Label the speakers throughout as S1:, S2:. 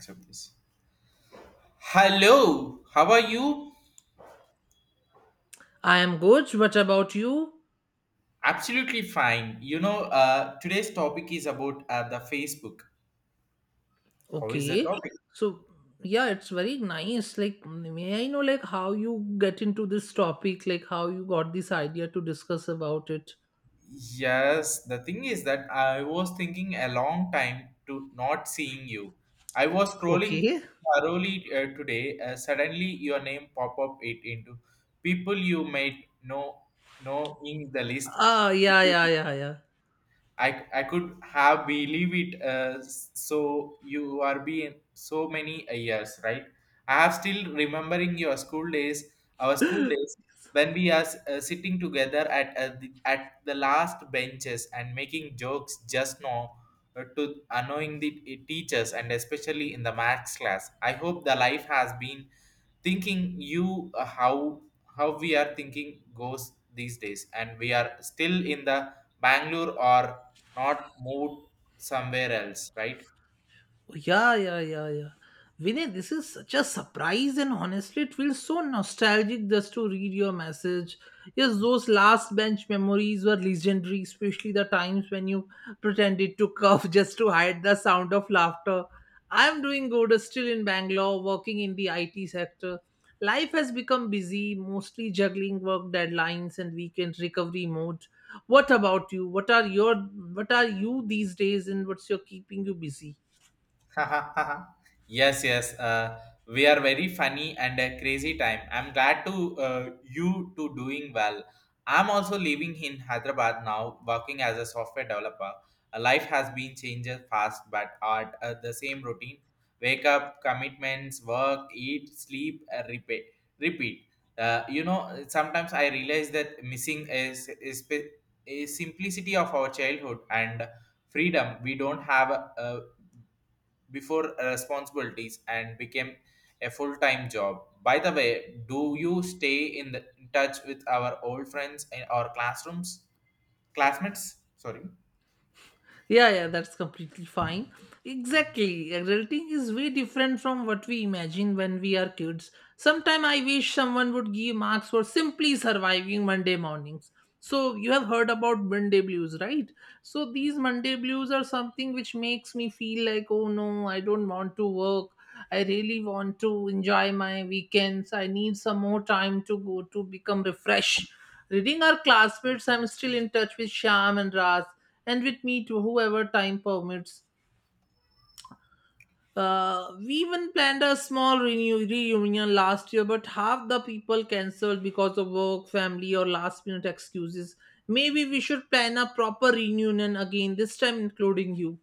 S1: Accept this. Hello, how are you?
S2: I am good. What about you?
S1: Absolutely fine. You know, today's topic is about the Facebook. How is the
S2: Okay.
S1: topic?
S2: So, yeah, it's very nice. Like, may I know, like, how you get into this topic? Like, how you got this idea to discuss about it?
S1: Yes, the thing is that I was thinking a long time to not seeing you. I was scrolling
S2: Okay.
S1: thoroughly today. Suddenly, your name pop up it into people you might know in the list.
S2: Ah, yeah, yeah, yeah, yeah.
S1: I could have believe it so you are being so many years, right? I have still remembering your school days, our school days when we are sitting together at the last benches and making jokes just now to annoying the teachers, and especially in the maths class. I hope the life has been thinking you, how we are thinking goes these days, and we are still in the Bangalore or not moved somewhere else, right?
S2: Yeah, yeah, yeah, yeah. Vinay, this is such a surprise, and honestly, it feels so nostalgic just to read your message. Yes, those last bench memories were legendary, especially the times when you pretended to cough just to hide the sound of laughter. I'm doing good, still in Bangalore, working in the IT sector. Life has become busy, mostly juggling work deadlines and weekend recovery mode. What about you? What are you these days, and what's your keeping you busy?
S1: Yes, yes. We are very funny and a crazy time. I'm glad to you to doing well. I'm also living in Hyderabad now, working as a software developer. Life has been changes fast, but at the same routine: wake up, commitments, work, eat, sleep, repeat, repeat. You know, sometimes I realize that missing is simplicity of our childhood and freedom we don't have uh, before responsibilities and became a full-time job. By the way, do you stay in touch with our old friends and our classrooms classmates? Sorry.
S2: Yeah, yeah, that's completely fine. Exactly. Adulting is way different from what we imagine when we are kids. Sometimes I wish someone would give marks for simply surviving Monday mornings. So, you have heard about Monday blues, right? So, these Monday blues are something which makes me feel like, oh no, I don't want to work. I really want to enjoy my weekends. I need some more time to go to become refreshed. Reading our classmates, I'm still in touch with Sham and Raz and with me to whoever time permits. We even planned a small reunion last year, but half the people cancelled because of work, family, or last minute excuses. Maybe we should plan a proper reunion again, this time including you.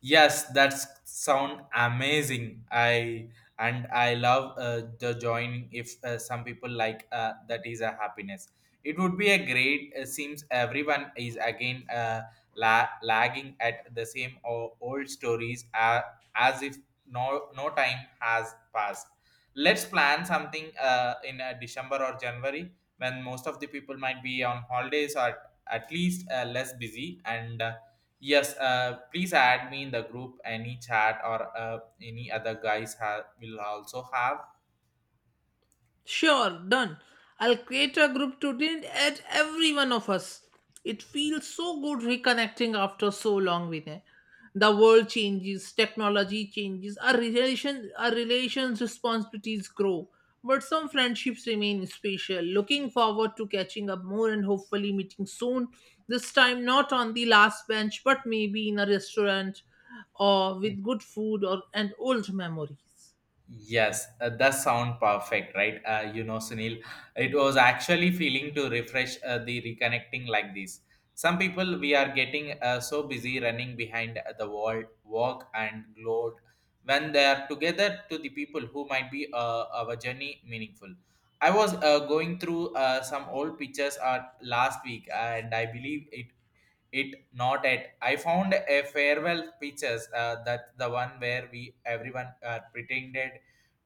S1: Yes, that's sound amazing. I and I love the joining. If some people like that is a happiness. It would be a great. Seems everyone is again lagging at the same old stories as if no time has passed. Let's plan something in December or January when most of the people might be on holidays or at least less busy and. Yes, please add me in the group. Any chat or any other guys have will also have.
S2: Sure, done. I'll create a group to add every one of us. It feels so good reconnecting after so long, Vinay. The world changes, technology changes, our relations responsibilities grow. But some friendships remain special. Looking forward to catching up more and hopefully meeting soon. This time not on the last bench, but maybe in a restaurant or with good food or and old memories.
S1: Yes, that sound perfect, right? You know, Sunil, it was actually feeling to refresh the reconnecting like this. Some people we are getting so busy running behind the wall, walk and load when they are together to the people who might be our journey meaningful. I was going through some old pictures last week, and I believe it it not at I found a farewell pictures that the one where we everyone pretended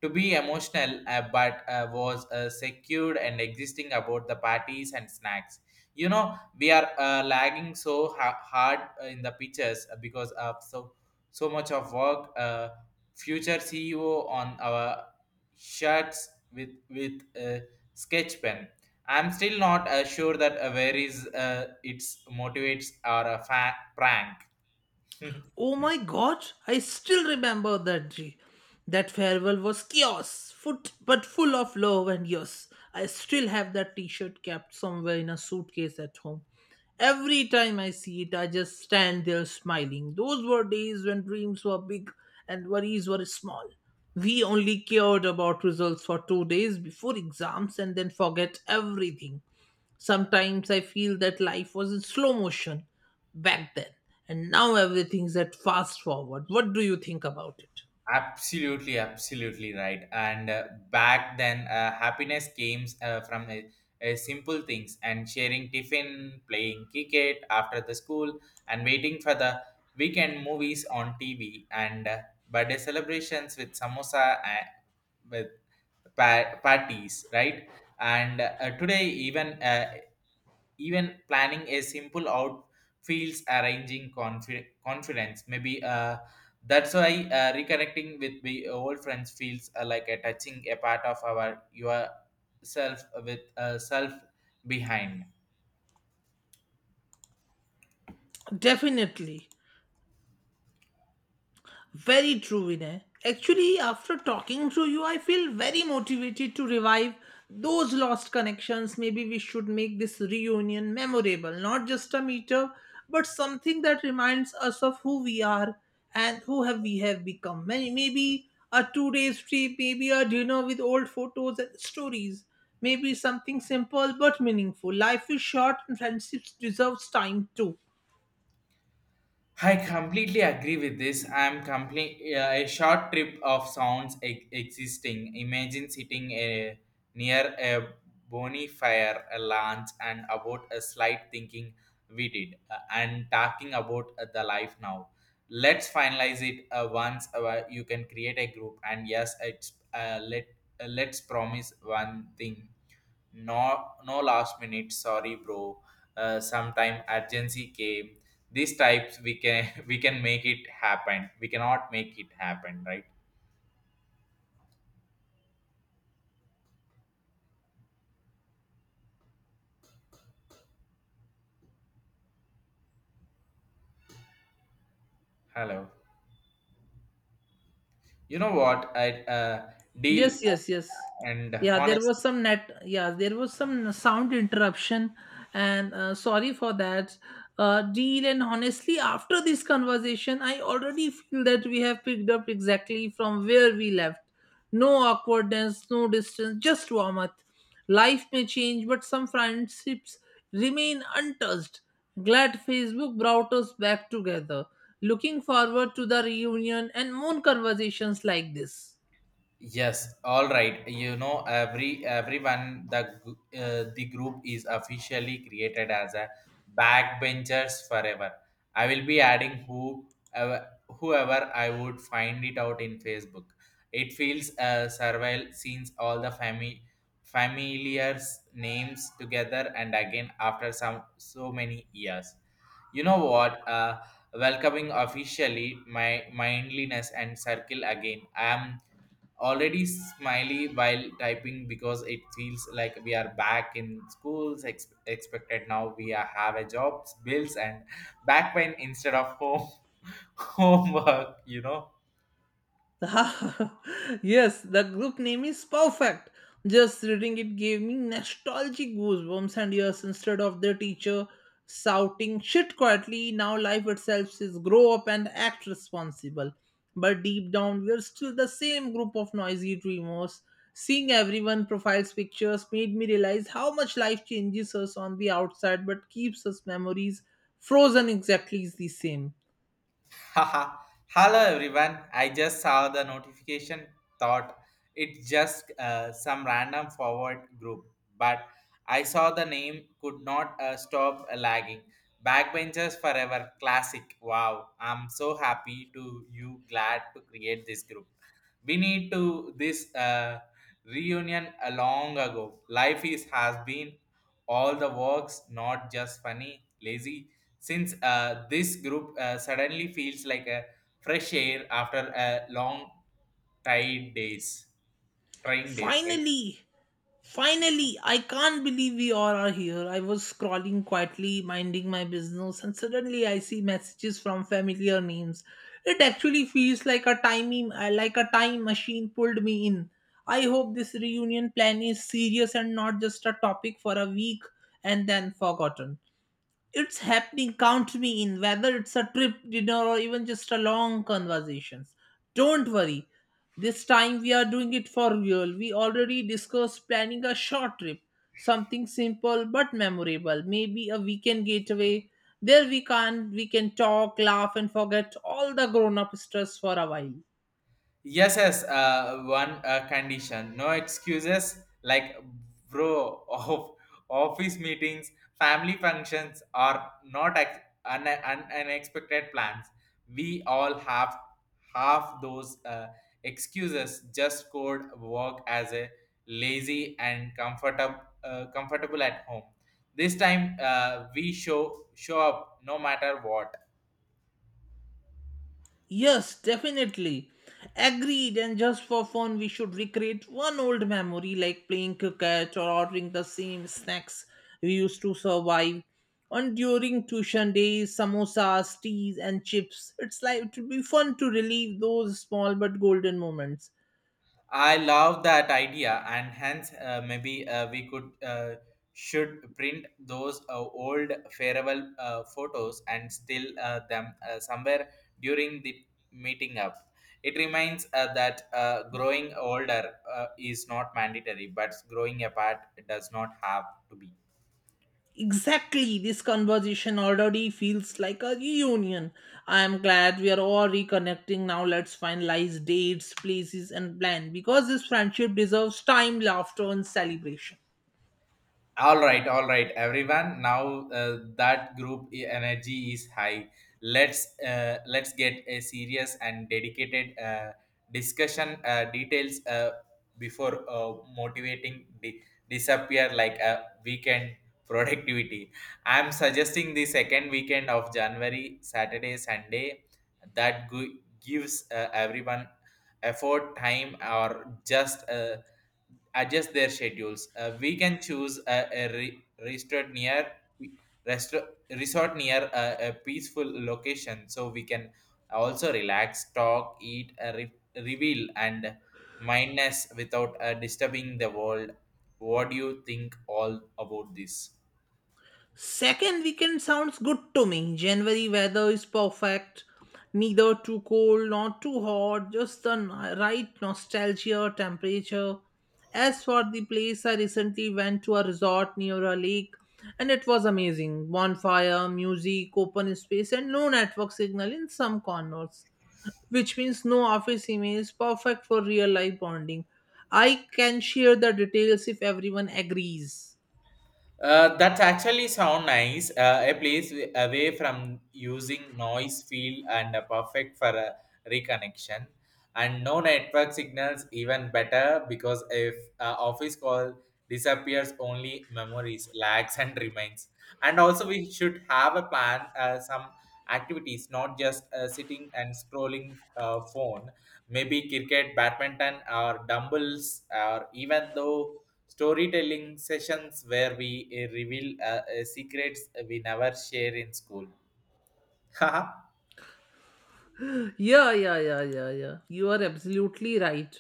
S1: to be emotional but was secured and existing about the parties and snacks. You know, we are lagging so hard in the pictures because of so much of work, future ceo on our shirts with a sketch pen. I'm still not sure that where is its motivates or a prank.
S2: Oh my god, I still remember that day. That farewell was chaos, foot but full of love and yes. I still have that t-shirt kept somewhere in a suitcase at home. Every time I see it, I just stand there smiling. Those were days when dreams were big and worries were small. We only cared about results for 2 days before exams and then forget everything. Sometimes I feel that life was in slow motion back then, and now everything's at fast forward. What do you think about it?
S1: Absolutely, absolutely right. And back then, happiness came from simple things and sharing tiffin, playing cricket after the school, and waiting for the weekend movies on TV and birthday celebrations with samosa and with parties, right? And today, even even planning a simple out feels arranging confidence, maybe that's why reconnecting with the old friends feels like a touching a part of our yourself with self behind.
S2: Definitely. Very true, Vinay. Actually, after talking to you, I feel very motivated to revive those lost connections. Maybe we should make this reunion memorable, not just a meetup, but something that reminds us of who we are and who have we have become. Maybe a 2 days trip, maybe a dinner with old photos and stories. Maybe something simple but meaningful. Life is short and friendships deserves time too.
S1: I completely agree with this. I'm complete a short trip of sounds existing. Imagine sitting a, near a bonfire, a lunch, and about a slight thinking we did, and talking about the life now. Let's finalize it once you can create a group. And yes, it's let's promise one thing, no last minute. Sorry, bro. Sometime urgency came. These types we can we can make it happen. We cannot make it happen, right? Hello. You know what? I deal
S2: Yes, yes, yes.
S1: and
S2: Yeah, there
S1: honest.
S2: was some net. Yeah, there was some sound interruption, and sorry for that. Deal and honestly, after this conversation, I already feel that we have picked up exactly from where we left. No awkwardness, no distance, just warmth. Life may change, but some friendships remain untouched. Glad Facebook brought us back together. Looking forward to the reunion and more conversations like this.
S1: Yes, all right. You know, everyone the the group is officially created as a backbenchers forever. I will be adding whoever I would find it out in Facebook. It feels survival since all the family familiars names together and again after some so many years. You know what? Welcoming officially my mindliness and circle again. I am already smiley while typing because it feels like we are back in schools expected now we are, have a jobs bills and back pain instead of home homework, you know.
S2: yes, the group name is perfect. Just reading it gave me nostalgic goosebumps and years instead of the teacher shouting shit quietly. Now life itself says grow up and act responsible. But deep down, we're still the same group of noisy dreamers. Seeing everyone profiles pictures made me realize how much life changes us on the outside but keeps us memories frozen exactly the same.
S1: Haha. Hello everyone. I just saw the notification thought it's just some random forward group, but I saw the name could not stop lagging. Backbenchers forever classic. Wow. I'm so happy to you glad to create this group. We need to this reunion a long ago. Life is has been all the works not just funny lazy since this group suddenly feels like a fresh air after a long tired days, trying days, right?
S2: Finally! Finally, I can't believe we all are here. I was scrolling quietly, minding my business, and suddenly I see messages from familiar names. It actually feels like a timing, like a time machine pulled me in. I hope this reunion plan is serious and not just a topic for a week and then forgotten. It's happening, count me in, whether it's a trip, dinner, or even just a long conversations. Don't worry, this time we are doing it for real. We already discussed planning a short trip, something simple but memorable, maybe a weekend getaway. There we can talk, laugh, and forget all the grown up stress for a while.
S1: Yes, yes. One condition: no excuses like bro of office meetings, family functions are not unexpected plans. We all have half those excuses. Just code work as a lazy and comfortable comfortable at home. This time we show up no matter what.
S2: Yes, definitely. Agreed. And just for fun, we should recreate one old memory like playing cricket or ordering the same snacks we used to survive on during tuition days, samosas, teas, and chips. It's like it would be fun to relive those small but golden moments.
S1: I love that idea, and hence maybe we could should print those old farewell photos and still them somewhere during the meeting up. It reminds that growing older is not mandatory, but growing apart does not have to be.
S2: Exactly, this conversation already feels like a reunion. I am glad we are all reconnecting now. Let's finalize dates, places, and plan because this friendship deserves time, laughter, and celebration.
S1: All right, everyone. Now that group energy is high. Let's get a serious and dedicated discussion details before motivating disappear like a weekend productivity. I'm suggesting the second weekend of January, Saturday, Sunday. That gives everyone effort, time, or just adjust their schedules. We can choose a resort near resort near a peaceful location, so we can also relax, talk, eat, reveal, and mindness without disturbing the world. What do you think all about this?
S2: Second weekend sounds good to me. January weather is perfect. Neither too cold nor too hot, just the right nostalgia temperature. As for the place, I recently went to a resort near a lake and it was amazing. Bonfire, music, open space, and no network signal in some corners, which means no office emails, perfect for real life bonding. I can share the details if everyone agrees.
S1: That actually sound nice. A place away from using noise field and perfect for a reconnection, and no network signals even better because if office call disappears, only memories lags and remains. And also, we should have a plan. Some activities, not just sitting and scrolling phone. Maybe cricket, badminton, or dumbbells, or even though storytelling sessions where we reveal secrets we never share in school. Haha.
S2: Yeah, yeah, yeah, yeah, yeah. You are absolutely right.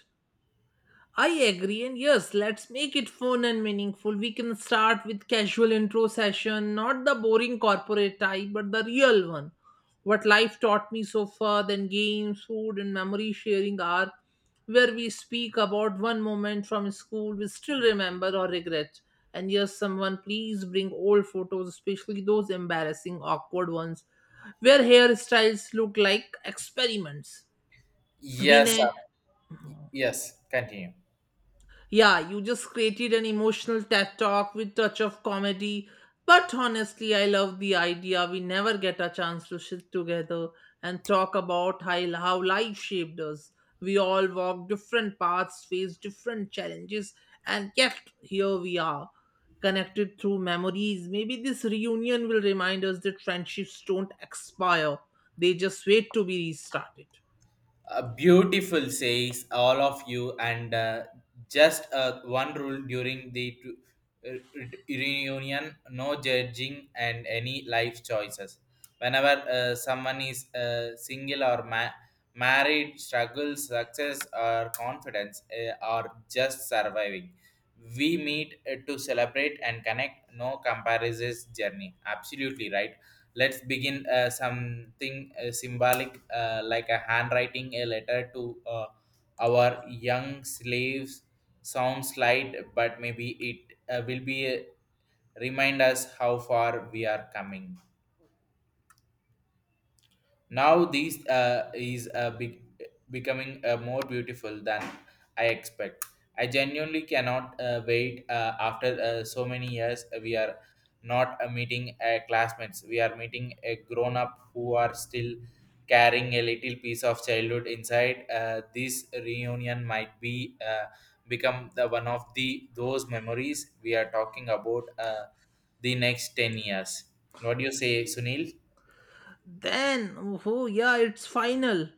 S2: I agree, and yes, let's make it fun and meaningful. We can start with casual intro session, not the boring corporate type, but the real one. What life taught me so far, then games, food, and memory sharing are where we speak about one moment from school we still remember or regret. And yes, someone please bring old photos, especially those embarrassing, awkward ones, where hairstyles look like experiments.
S1: Yes,
S2: Vinay,
S1: sir. Yes, continue.
S2: yeah, you just created an emotional TED talk with touch of comedy. But honestly, I love the idea we never get a chance to sit together and talk about how life shaped us. We all walk different paths, face different challenges, and yet here we are, connected through memories. Maybe this reunion will remind us that friendships don't expire, they just wait to be restarted.
S1: Beautiful says all of you and just one rule during the uh, reunion: no judging and any life choices whenever someone is single or married, struggles, success or confidence, or just surviving. We meet to celebrate and connect, no comparisons journey, absolutely right. Let's begin something symbolic like a handwriting a letter to our young slaves. Sounds light, but maybe it will be a, remind us how far we are coming now. These is becoming more beautiful than I expect. I genuinely cannot wait after so many years. We are not meeting classmates. We are meeting a grown up who are still carrying a little piece of childhood inside. This reunion might be become the one of the those memories we are talking about the next 10 years. What do you say, Sunil?
S2: Then, oh, yeah, it's final.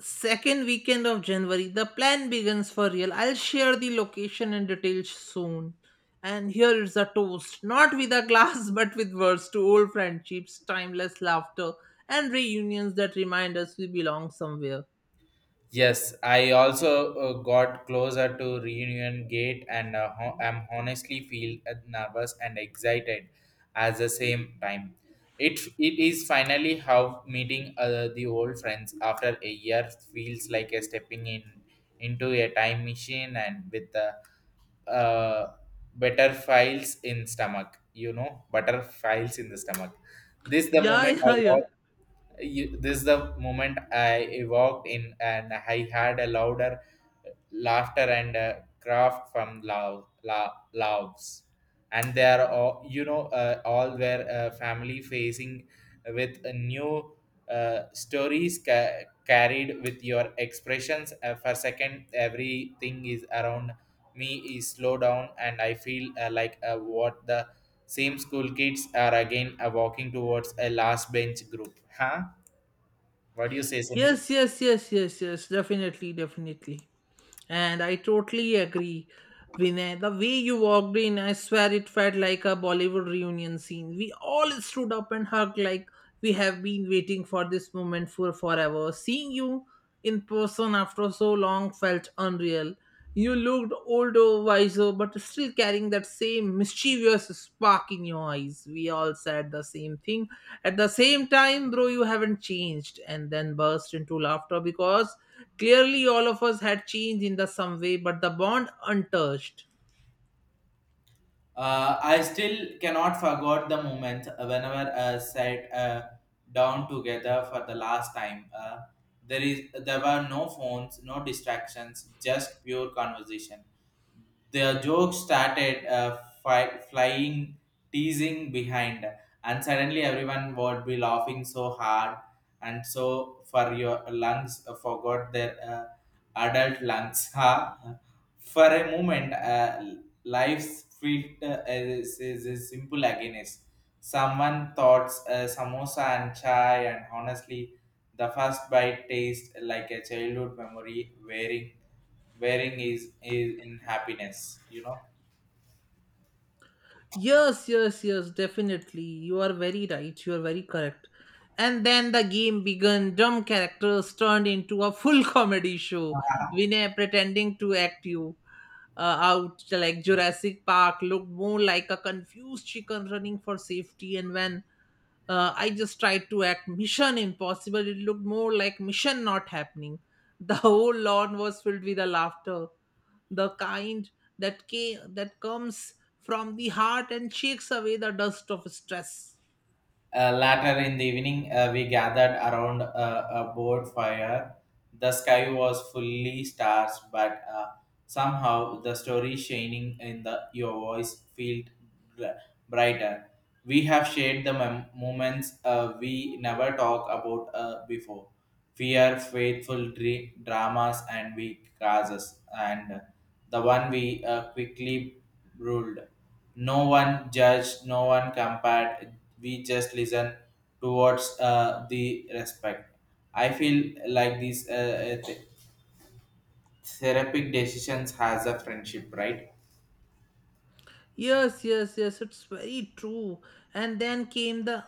S2: Second weekend of January, the plan begins for real. I'll share the location and details soon. And here is a toast, not with a glass, but with words to old friendships, timeless laughter, and reunions that remind us we belong somewhere.
S1: Yes, I also got closer to Reunion Gate and I'm honestly feel nervous and excited at the same time. It is finally how meeting the old friends after a year feels like a stepping in into a time machine and with the uh, better files in stomach, you know, better files in the stomach. This the
S2: Yeah,
S1: moment I
S2: yeah, yeah.
S1: was you, this is the moment I walked in and I had a louder laughter and a craft from love, la, loves. And they are all, you know, all were family facing with a new stories carried with your expressions. For second, everything is around me is slow down and I feel like what the same school kids are again walking towards a last bench group. Huh? What do you say, Sunil?
S2: Yes, yes, yes, yes, yes. Definitely, definitely. And I totally agree, Vinay. The way you walked in, I swear it felt like a Bollywood reunion scene. We all stood up and hugged like we have been waiting for this moment for forever. Seeing you in person after so long felt unreal. You looked older, wiser, but still carrying that same mischievous spark in your eyes. We all said the same thing. At the same time, bro, you haven't changed. And then burst into laughter because clearly all of us had changed in the some way, but the bond untouched.
S1: I still cannot forget the moment whenever sat down together for the last time. There is there were no phones, no distractions, just pure conversation. The jokes started flying, teasing behind, and suddenly everyone would be laughing so hard and so for your lungs forgot their adult lungs. Huh? For a moment. Lives feel as simple again is someone thoughts samosa and chai, and honestly the first bite tastes like a childhood memory wearing is in happiness.
S2: Yes, yes, yes, definitely. You are very right. You are very correct. And then the game began. Dumb characters turned into a full comedy show. Vinay pretending to act you out like Jurassic Park looked more like a confused chicken running for safety. And when I just tried to act Mission Impossible, it looked more like Mission Not Happening. The whole lawn was filled with the laughter, the kind that that comes from the heart and shakes away the dust of stress.
S1: Later in the evening, we gathered around a board fire. The sky was fully stars, but somehow the story shining in the your voice felt br- brighter. We have shared the moments we never talked about before. We are faithful dramas and weak causes, and the one we quickly ruled. No one judged, no one compared. We just listen towards the respect. I feel like these therapeutic decisions has a friendship, right?
S2: Yes, yes, yes, it's very true. And then came the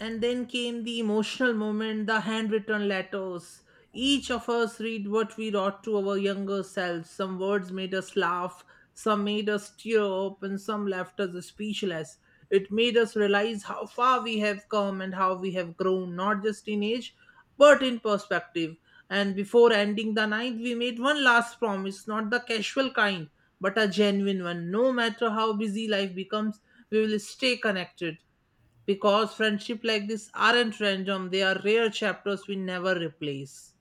S2: And then came the emotional moment, the handwritten letters. Each of us read what we wrote to our younger selves. Some words made us laugh, some made us tear up, and some left us speechless. It made us realize how far we have come and how we have grown, not just in age, but in perspective. And before ending the night, we made one last promise, not the casual kind, but a genuine one. No matter how busy life becomes, we will stay connected because friendship like this aren't random, they are rare chapters we never replace.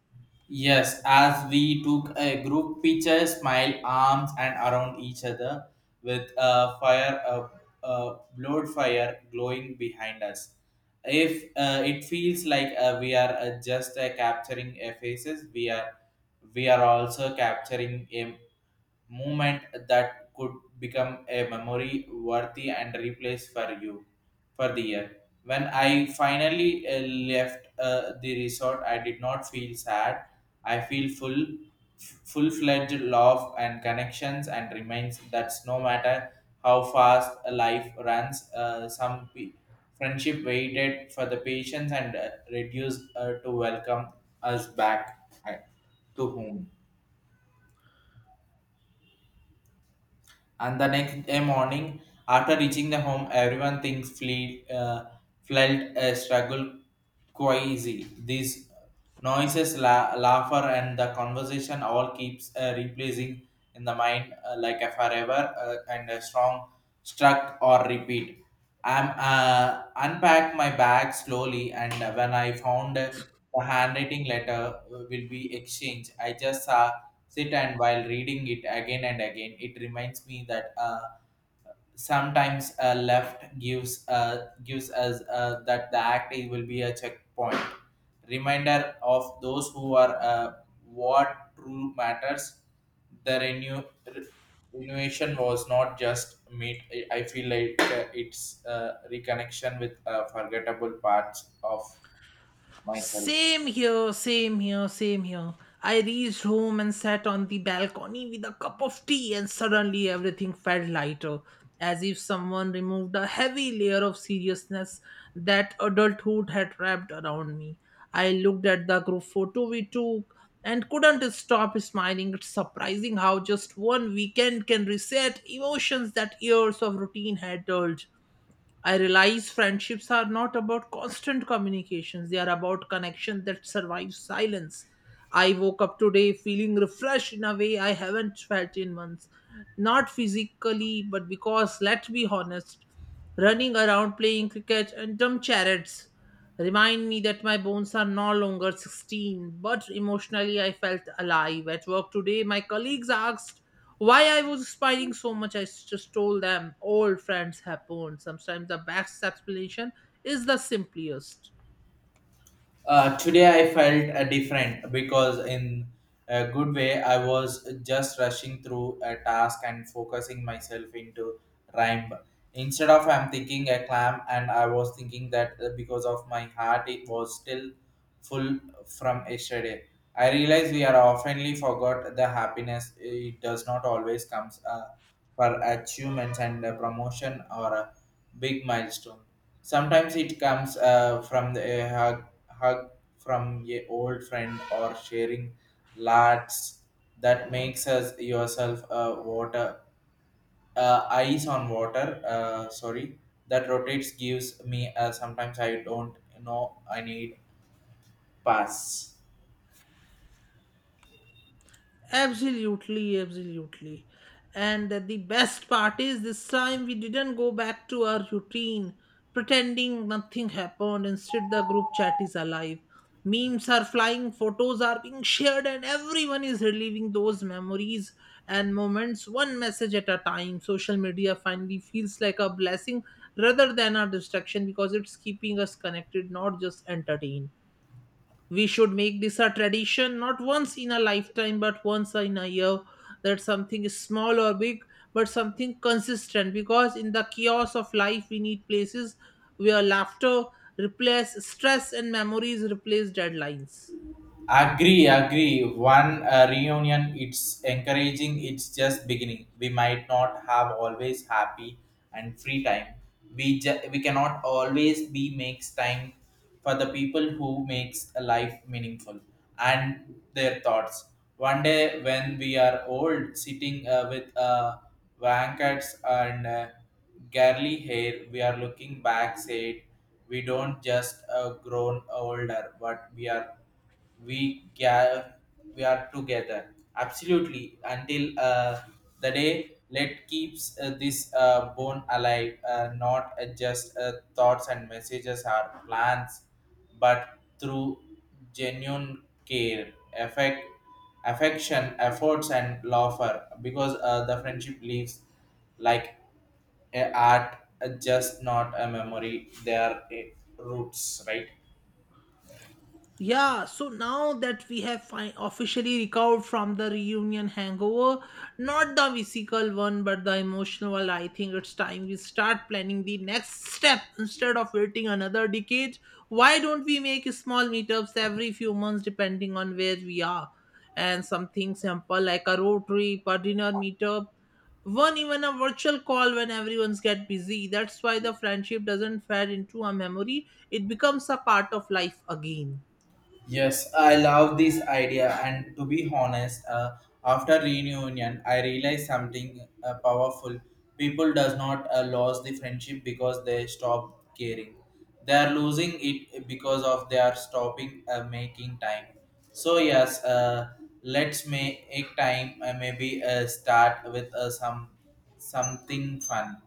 S1: Yes, as we took a group picture, smiled arms and around each other with a fire, a blowed fire glowing behind us. If it feels like we are just capturing a faces, we are also capturing a moment that could become a memory worthy and replace for you for the year. When I finally left the resort, I did not feel sad. I feel full, full fledged love and connections, and remains that no matter how fast life runs, some friendship waited for the patience and reduced to welcome us back to home. And the next day morning, after reaching the home, everyone thinks fleet, felt a struggle quasi. These noises, laughter, and the conversation all keeps replacing in the mind like a forever and a strong struck or repeat. I'm unpacked my bag slowly, and when I found the handwriting letter will be exchanged, I just saw sit, and while reading it again and again it reminds me that sometimes a left gives gives us that the act it will be a checkpoint reminder of those who are what true matters. The renew renewation was not just meet. I feel like it's reconnection with forgettable parts of myself.
S2: Same here, same here, same here. I reached home and sat on the balcony with a cup of tea, and suddenly everything felt lighter, as if someone removed a heavy layer of seriousness that adulthood had wrapped around me. I looked at the group photo we took and couldn't stop smiling. It's surprising how just one weekend can reset emotions that years of routine had dulled. I realize friendships are not about constant communications, they are about connection that survives silence. I woke up today feeling refreshed in a way I haven't felt in months. Not physically, but because, let's be honest, running around playing cricket and dumb charades remind me that my bones are no longer 16, but emotionally I felt alive. At work today, my colleagues asked why I was smiling so much. I just told them old friends have bones. Sometimes the best explanation is the simplest.
S1: Today I felt different because in a good way I was just rushing through a task and focusing myself into rhyme. Instead of I'm thinking a clam, and I was thinking that because of my heart it was still full from yesterday. I realize we are oftenly forgot the happiness, it does not always comes for achievements and promotion or big milestone. Sometimes it comes from the, a hug, hug from a old friend or sharing lads that makes us yourself a water ice on water. Sorry, that rotates gives me. Sometimes I don't know I need pass.
S2: Absolutely, absolutely. And the best part is this time we didn't go back to our routine, pretending nothing happened. Instead, the group chat is alive. Memes are flying, photos are being shared, and everyone is reliving those memories and moments one message at a time. Social media finally feels like a blessing rather than a distraction because it's keeping us connected, not just entertained. We should make this a tradition, not once in a lifetime but once in a year. That something is small or big, but something consistent, because in the chaos of life we need places where laughter replace stress and memories replace deadlines.
S1: Agree, agree. One reunion, it's encouraging. It's just beginning. We might not have always happy and free time. We cannot always be makes time for the people who makes a life meaningful and their thoughts. One day when we are old, sitting with blankets and girly hair, we are looking back. Said we don't just grown older, but we ga- we are together absolutely until the day let keeps this bone alive, not just thoughts and messages or plans, but through genuine care, affect affection, efforts, and laughter, because the friendship lives like a art, just not a memory, they are roots, right?
S2: Yeah, so now that we have officially recovered from the reunion hangover, not the physical one but the emotional one, I think it's time we start planning the next step instead of waiting another decade. Why don't we make small meetups every few months depending on where we are? And something simple like a road trip, a dinner meetup, one even a virtual call when everyone's get busy. That's why the friendship doesn't fade into a memory, it becomes a part of life again.
S1: Yes, I love this idea, and to be honest, after reunion, I realized something powerful. People does not lose the friendship because they stop caring. They are losing it because of they are stopping making time. So yes, let's make time. Maybe start with some something fun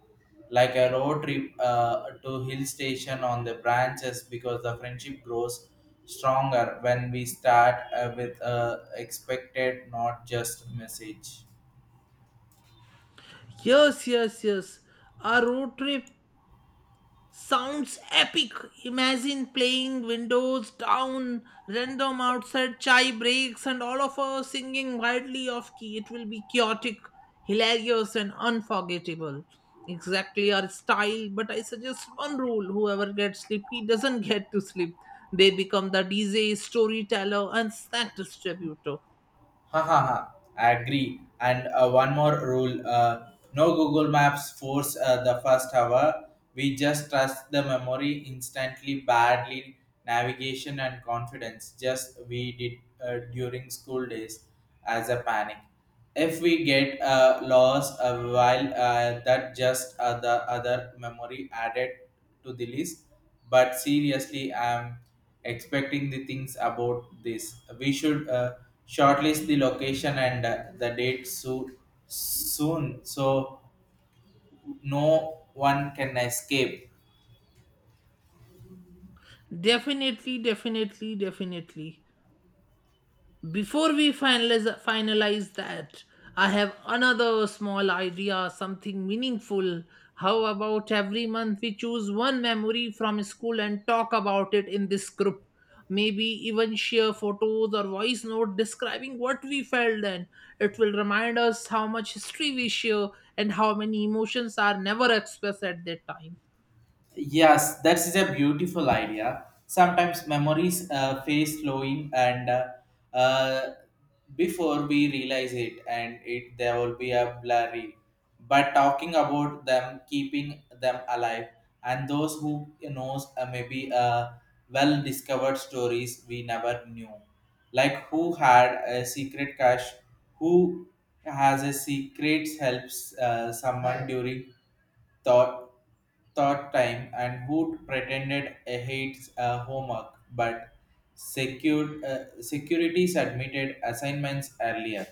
S1: like a road trip to hill station on the branches, because the friendship grows stronger when we start with expected, not just message.
S2: Yes, yes, yes. Our road trip sounds epic. Imagine playing windows down, random outside chai breaks, and all of us singing wildly off key. It will be chaotic, hilarious, and unforgettable. Exactly our style, but I suggest one rule, whoever gets sleepy doesn't get to sleep. They become the DJ, storyteller, and snack distributor.
S1: Ha ha ha. I agree, and one more rule, no Google Maps force the first hour. We just trust the memory instantly badly navigation and confidence just we did during school days as a panic. If we get lost a while, that just the other memory added to the list. But seriously, I'm expecting the things about this. We should shortlist the location and the date so soon, so no one can escape.
S2: Definitely, definitely, definitely. Before we finalize that, I have another small idea, something meaningful. How about every month we choose one memory from school and talk about it in this group, maybe even share photos or voice note describing what we felt then. It will remind us how much history we share and how many emotions are never expressed at that time.
S1: Yes, that is a beautiful idea. Sometimes memories face flowing, and uh, before we realize it, and it there will be a blurry. But talking about them, keeping them alive, and those who knows, maybe well discovered stories we never knew, like who had a secret cache, who has a secret helps someone during thought thought time, and who pretended a hates a homework but secured securities admitted assignments earlier.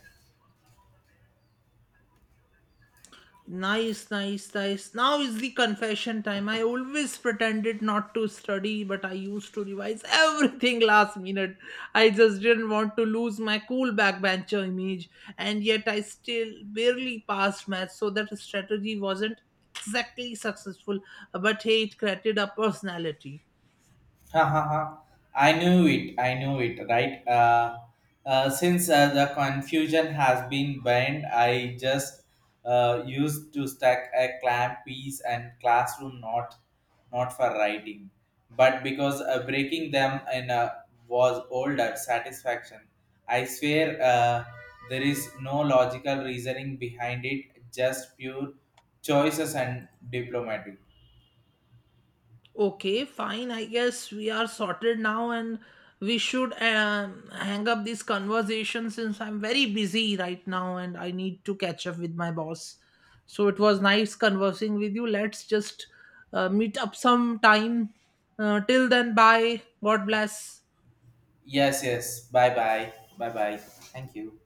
S2: Nice, nice, nice. Now is the confession time. I always pretended not to study, but I used to revise everything last minute. I just didn't want to lose my cool backbencher image, and yet I still barely passed math, so that strategy wasn't exactly successful. But hey, it created a personality.
S1: Ha ha ha. I knew it. I knew it. Right. Since the confusion has been banned, I just used to stack a clamp piece and classroom, not not for writing, but because breaking them in a was older satisfaction. I swear, uh, there is no logical reasoning behind it. Just pure choices and diplomatic.
S2: Okay, fine. I guess we are sorted now and we should hang up this conversation since I'm very busy right now and I need to catch up with my boss. So it was nice conversing with you. Let's just meet up sometime. Till then, bye. God bless.
S1: Yes. Yes. Bye. Bye. Bye. Bye. Thank you.